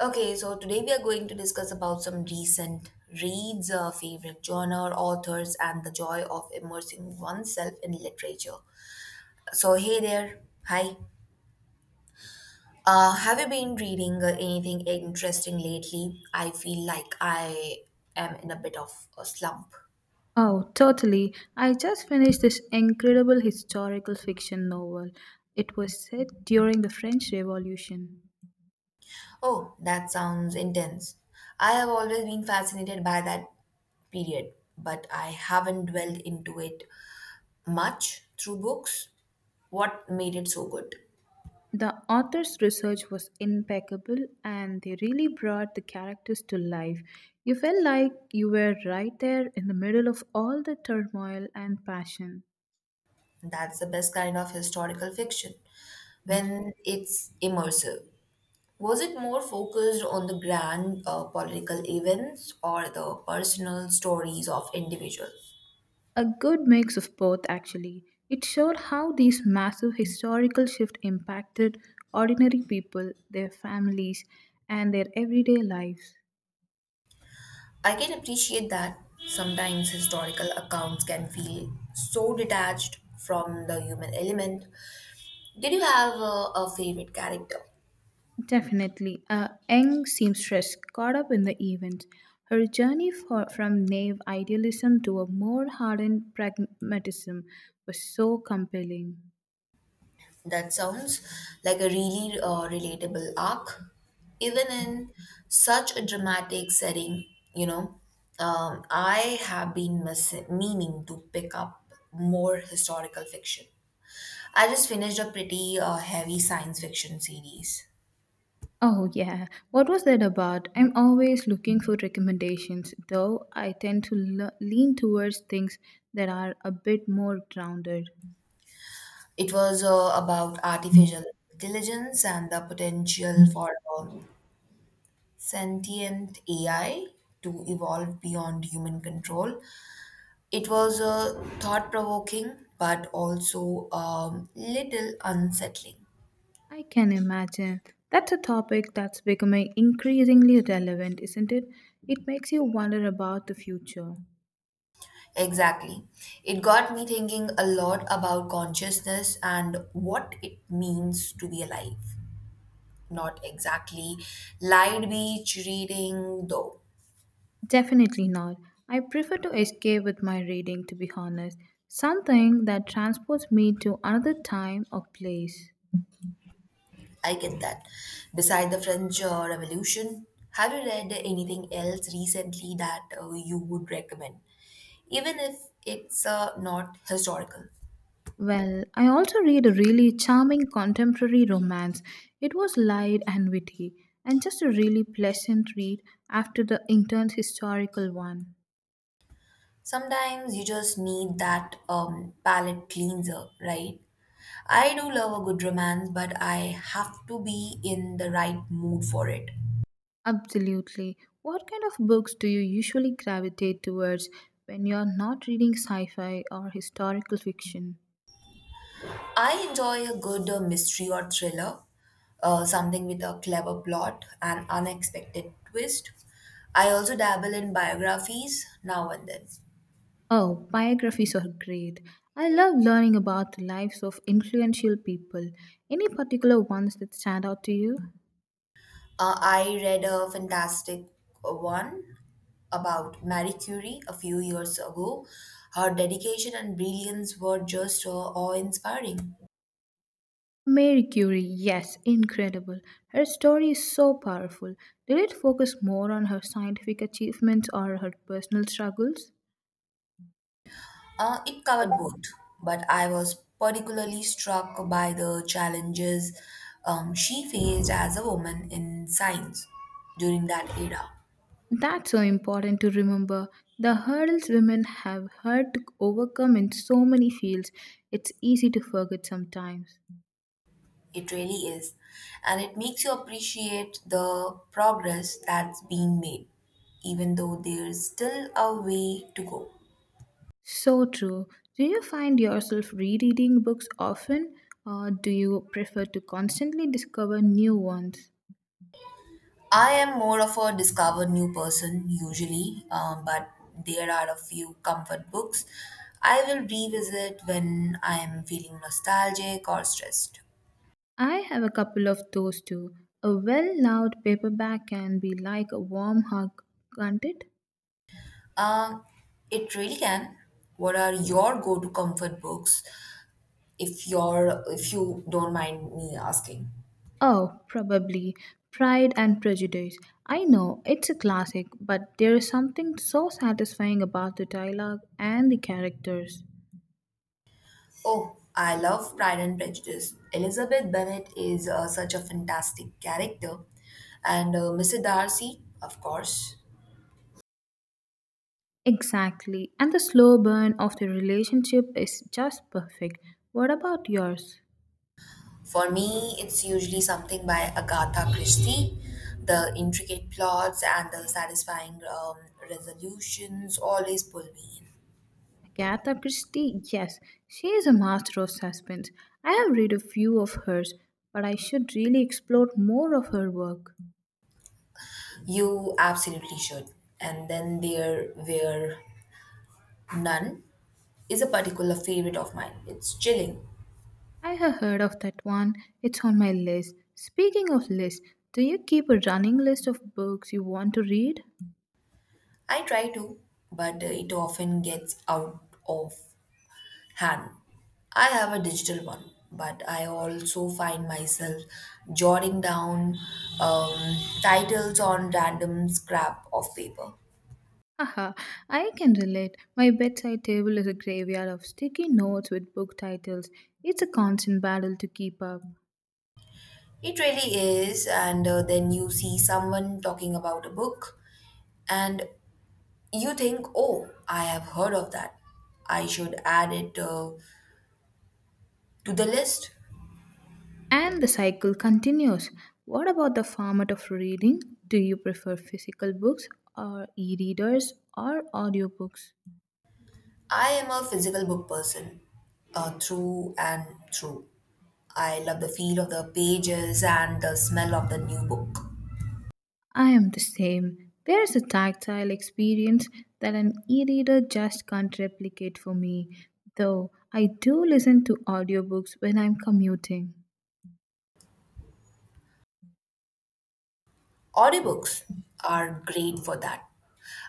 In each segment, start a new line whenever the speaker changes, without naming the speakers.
Okay, so today we are going to discuss about some recent reads, favorite genre, authors, and the joy of immersing oneself in literature. So, hey there. Hi. Have you been reading anything interesting lately? I feel like I am in a bit of a slump.
Oh, totally. I just finished this incredible historical fiction novel. It was set during the French Revolution.
Oh, that sounds intense. I have always been fascinated by that period, but I haven't dwelled into it much through books. What made it so good?
The author's research was impeccable and they really brought the characters to life. You felt like you were right there in the middle of all the turmoil and passion.
That's the best kind of historical fiction when it's immersive. Was it more focused on the grand political events or the personal stories of individuals?
A good mix of both, actually. It showed how these massive historical shifts impacted ordinary people, their families, and their everyday lives.
I can appreciate that sometimes historical accounts can feel so detached from the human element. Did you have a favorite character?
Definitely. A young seamstress caught up in the event. Her journey from naive idealism to a more hardened pragmatism was so compelling.
That sounds like a really relatable arc, even in such a dramatic setting. You know, I have been meaning to pick up more historical fiction. I just finished a pretty heavy science fiction series.
Oh, yeah. What was that about? I'm always looking for recommendations, though I tend to lean towards things that are a bit more grounded.
It was about artificial intelligence and the potential for uh, sentient AI to evolve beyond human control. It was thought provoking, but also a little unsettling.
I can imagine. That's a topic that's becoming increasingly relevant, isn't it? It makes you wonder about the future.
Exactly. It got me thinking a lot about consciousness and what it means to be alive. Not exactly light beach reading, though.
Definitely not. I prefer to escape with my reading, to be honest. Something that transports me to another time or place.
I get that. Beside the French Revolution, have you read anything else recently that you would recommend? Even if it's not historical.
Well, I also read a really charming contemporary romance. It was light and witty, and just a really pleasant read after the intense historical one.
Sometimes you just need that palate cleanser, right? I do love a good romance, but I have to be in the right mood for it.
Absolutely. What kind of books do you usually gravitate towards when you're not reading sci fi or historical fiction?
I enjoy a good mystery or thriller, something with a clever plot and unexpected twist. I also dabble in biographies now and then.
Oh, biographies are great. I love learning about the lives of influential people. Any particular ones that stand out to you?
I read a fantastic one about Marie Curie a few years ago. Her dedication and brilliance were just awe-inspiring.
Mary Curie, yes, incredible. Her story is so powerful. Did it focus more on her scientific achievements or her personal struggles?
It covered both, but I was particularly struck by the challenges she faced as a woman in science during that era.
That's so important to remember. The hurdles women have had to overcome in so many fields, it's easy to forget sometimes.
It really is, and it makes you appreciate the progress that's being made, even though there's still a way to go.
So true. Do you find yourself rereading books often, or do you prefer to constantly discover new ones?
I am more of a discover new person usually, but there are a few comfort books I will revisit when I am feeling nostalgic or stressed.
I have a couple of those too. A well loved paperback can be like a warm hug, can't it?
Um, it really can. What are your go-to comfort books, if you don't mind me asking?
Oh, probably. Pride and Prejudice. I know, it's a classic, but there is something so satisfying about the dialogue and the characters.
Oh, I love Pride and Prejudice. Elizabeth Bennet is such a fantastic character, and Mr. Darcy, of course.
Exactly. And the slow burn of the relationship is just perfect. What about yours?
For me, it's usually something by Agatha Christie. The intricate plots and the satisfying resolutions always pull me in.
Agatha Christie, yes, she is a master of suspense. I have read a few of hers, but I should really explore more of her work.
You absolutely should. And then there were none is a particular favorite of mine. It's chilling.
I have heard of that one, it's on my list. Speaking of lists, do you keep a running list of books you want to read?
I try to, but it often gets out of hand. I have a digital one, but I also find myself jotting down um, titles on random scrap of paper.
Haha, I can relate. My bedside table is a graveyard of sticky notes with book titles. It's a constant battle to keep up.
It really is, and then you see someone talking about a book, and you think, oh, I have heard of that. I should add it to the list.
And the cycle continues. What about the format of reading? Do you prefer physical books or e readers or audiobooks?
I am a physical book person, through and through. I love the feel of the pages and the smell of the new book.
I am the same. There is a tactile experience that an e reader just can't replicate for me, though I do listen to audiobooks when I'm commuting.
Audiobooks are great for that.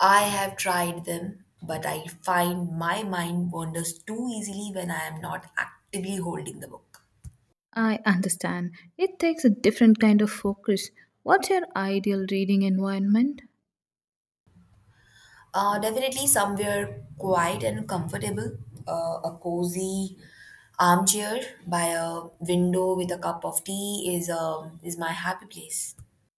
I have tried them, but I find my mind wanders too easily when I am not actively holding the book.
I understand. It takes a different kind of focus. What's your ideal reading environment?
Definitely somewhere quiet and comfortable, a cozy armchair by a window with a cup of tea is my happy place.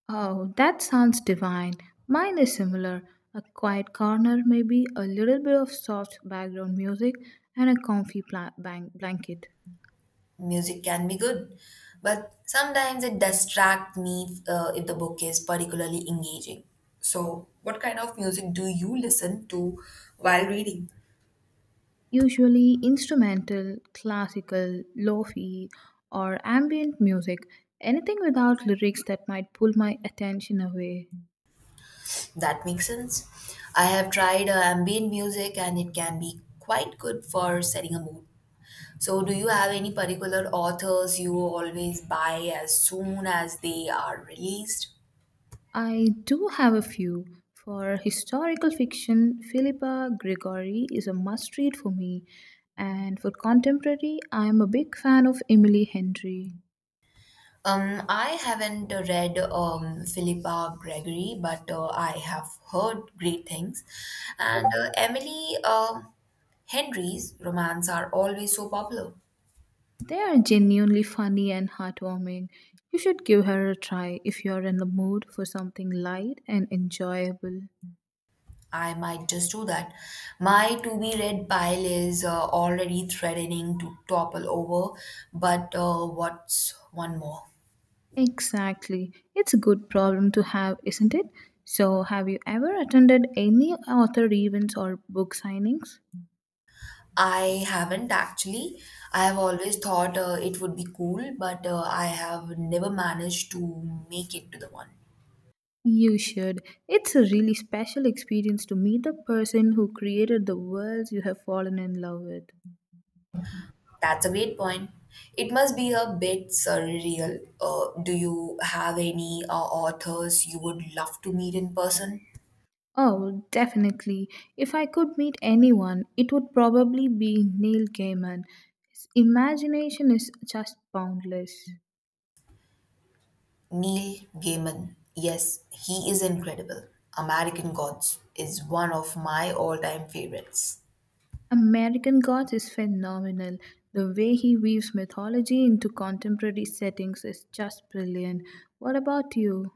Oh, that sounds divine. Mine is similar. A quiet corner, maybe a little bit of soft background music, and a comfy blanket.
Music can be good, but sometimes it distracts me if the book is particularly engaging. So, what kind of music do you listen to while reading?
Usually instrumental, classical, lo-fi, or ambient music. Anything without lyrics that might pull my attention away.
That makes sense. I have tried ambient music and it can be quite good for setting a mood. So, do you have any particular authors you always buy as soon as they are released?
I do have a few. For historical fiction, Philippa Gregory is a must read for me, and for contemporary, I am a big fan of Emily Henry.
I haven't read Philippa Gregory, but I have heard great things. And Emily Henry's romance are always so popular.
They are genuinely funny and heartwarming. You should give her a try if you are in the mood for something light and enjoyable.
I might just do that. My to be read pile is already threatening to topple over, but what's one more?
Exactly. It's a good problem to have, isn't it? So, have you ever attended any author events or book signings?
I haven't actually. I have always thought it would be cool, but I have never managed to make it to the one.
You should. It's a really special experience to meet the person who created the worlds you have fallen in love with.
That's a great point. It must be a bit surreal. Do you have any authors you would love to meet in person?
Oh, definitely. If I could meet anyone, it would probably be Neil Gaiman. His imagination is just boundless.
Neil Gaiman. Yes, he is incredible. American Gods is one of my all time favorites.
American Gods is phenomenal. The way he weaves mythology into contemporary settings is just brilliant. What about you?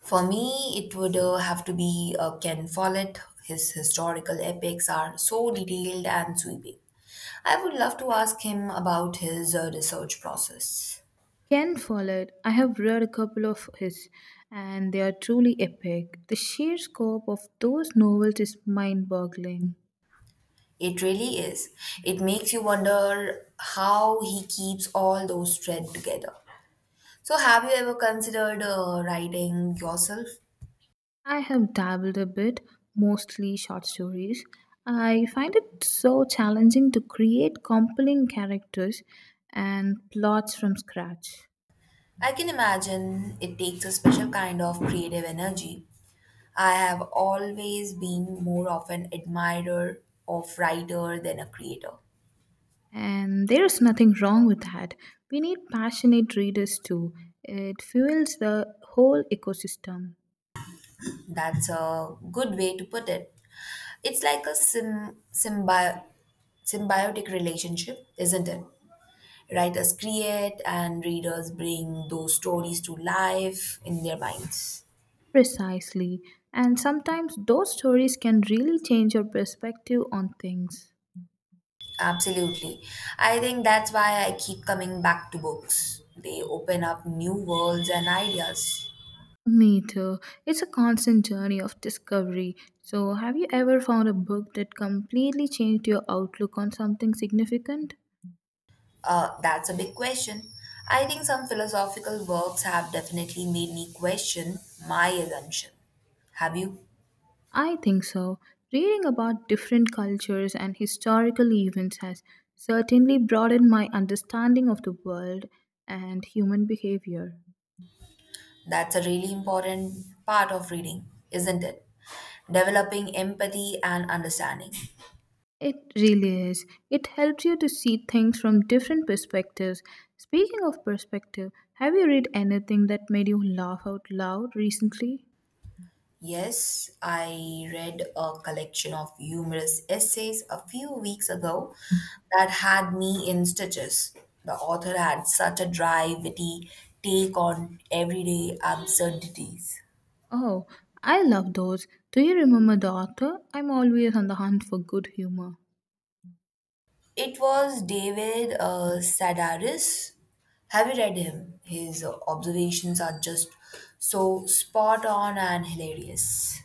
For me, it would have to be Ken Follett. His historical epics are so detailed and sweeping. I would love to ask him about his research process.
Ken Follett, I have read a couple of his, and they are truly epic. The sheer scope of those novels is mind boggling.
It really is. It makes you wonder how he keeps all those threads together. So, have you ever considered writing yourself?
I have dabbled a bit, mostly short stories. I find it so challenging to create compelling characters and plots from scratch.
I can imagine it takes a special kind of creative energy. I have always been more of an admirer of writer than a creator.
And there is nothing wrong with that. We need passionate readers too. It fuels the whole ecosystem.
That's a good way to put it. It's like a symbiotic relationship, isn't it? Writers create and readers bring those stories to life in their minds.
Precisely. And sometimes those stories can really change your perspective on things.
Absolutely. I think that's why I keep coming back to books. They open up new worlds and ideas.
Me too. It's a constant journey of discovery. So, have you ever found a book that completely changed your outlook on something significant?
That's a big question. I think some philosophical works have definitely made me question my assumption. Have you?
I think so. Reading about different cultures and historical events has certainly broadened my understanding of the world and human behavior.
That's a really important part of reading, isn't it? Developing empathy and understanding.
It really is. It helps you to see things from different perspectives. Speaking of perspective, have you read anything that made you laugh out loud recently?
Yes, I read a collection of humorous essays a few weeks ago that had me in stitches. The author had such a dry, witty take on everyday absurdities.
Oh, I love those. Do you remember the author? I'm always on the hunt for good humor.
It was David Sedaris. Have you read him? His observations are just so spot on and hilarious.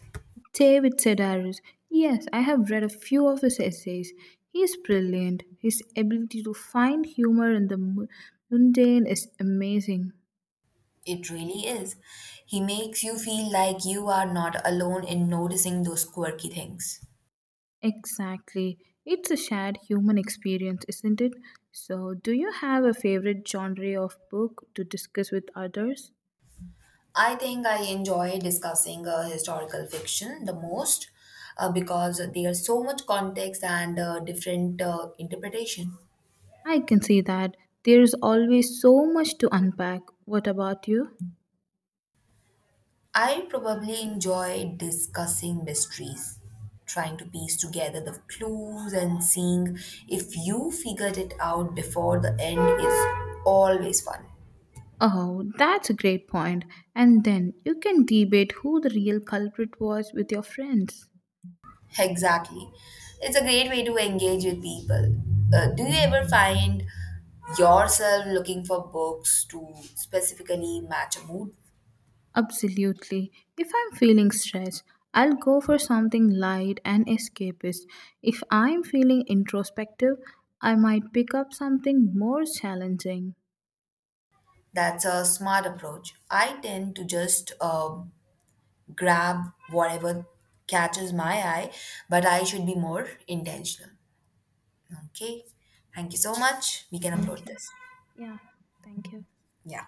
David Sedaris. Yes, I have read a few of his essays. He is brilliant. His ability to find humor in the mundane is amazing.
It really is. He makes you feel like you are not alone in noticing those quirky things.
Exactly. It's a shared human experience, isn't it? So, do you have a favorite genre of book to discuss with others?
I think I enjoy discussing historical fiction the most because there's so much context and different interpretation.
I can see that. There's always so much to unpack. What about you?
I probably enjoy discussing mysteries, trying to piece together the clues and seeing if you figured it out before the end is always fun.
Oh, that's a great point. And then you can debate who the real culprit was with your friends.
Exactly. It's a great way to engage with people. Do you ever find yourself looking for books to specifically match a mood?
Absolutely. If I'm feeling stressed, I'll go for something light and escapist. If I'm feeling introspective, I might pick up something more challenging.
That's a smart approach. I tend to just grab whatever catches my eye, but I should be more intentional. Okay. Thank you so much. We can upload
Thank you.
this.
Yeah, thank you.
Yeah.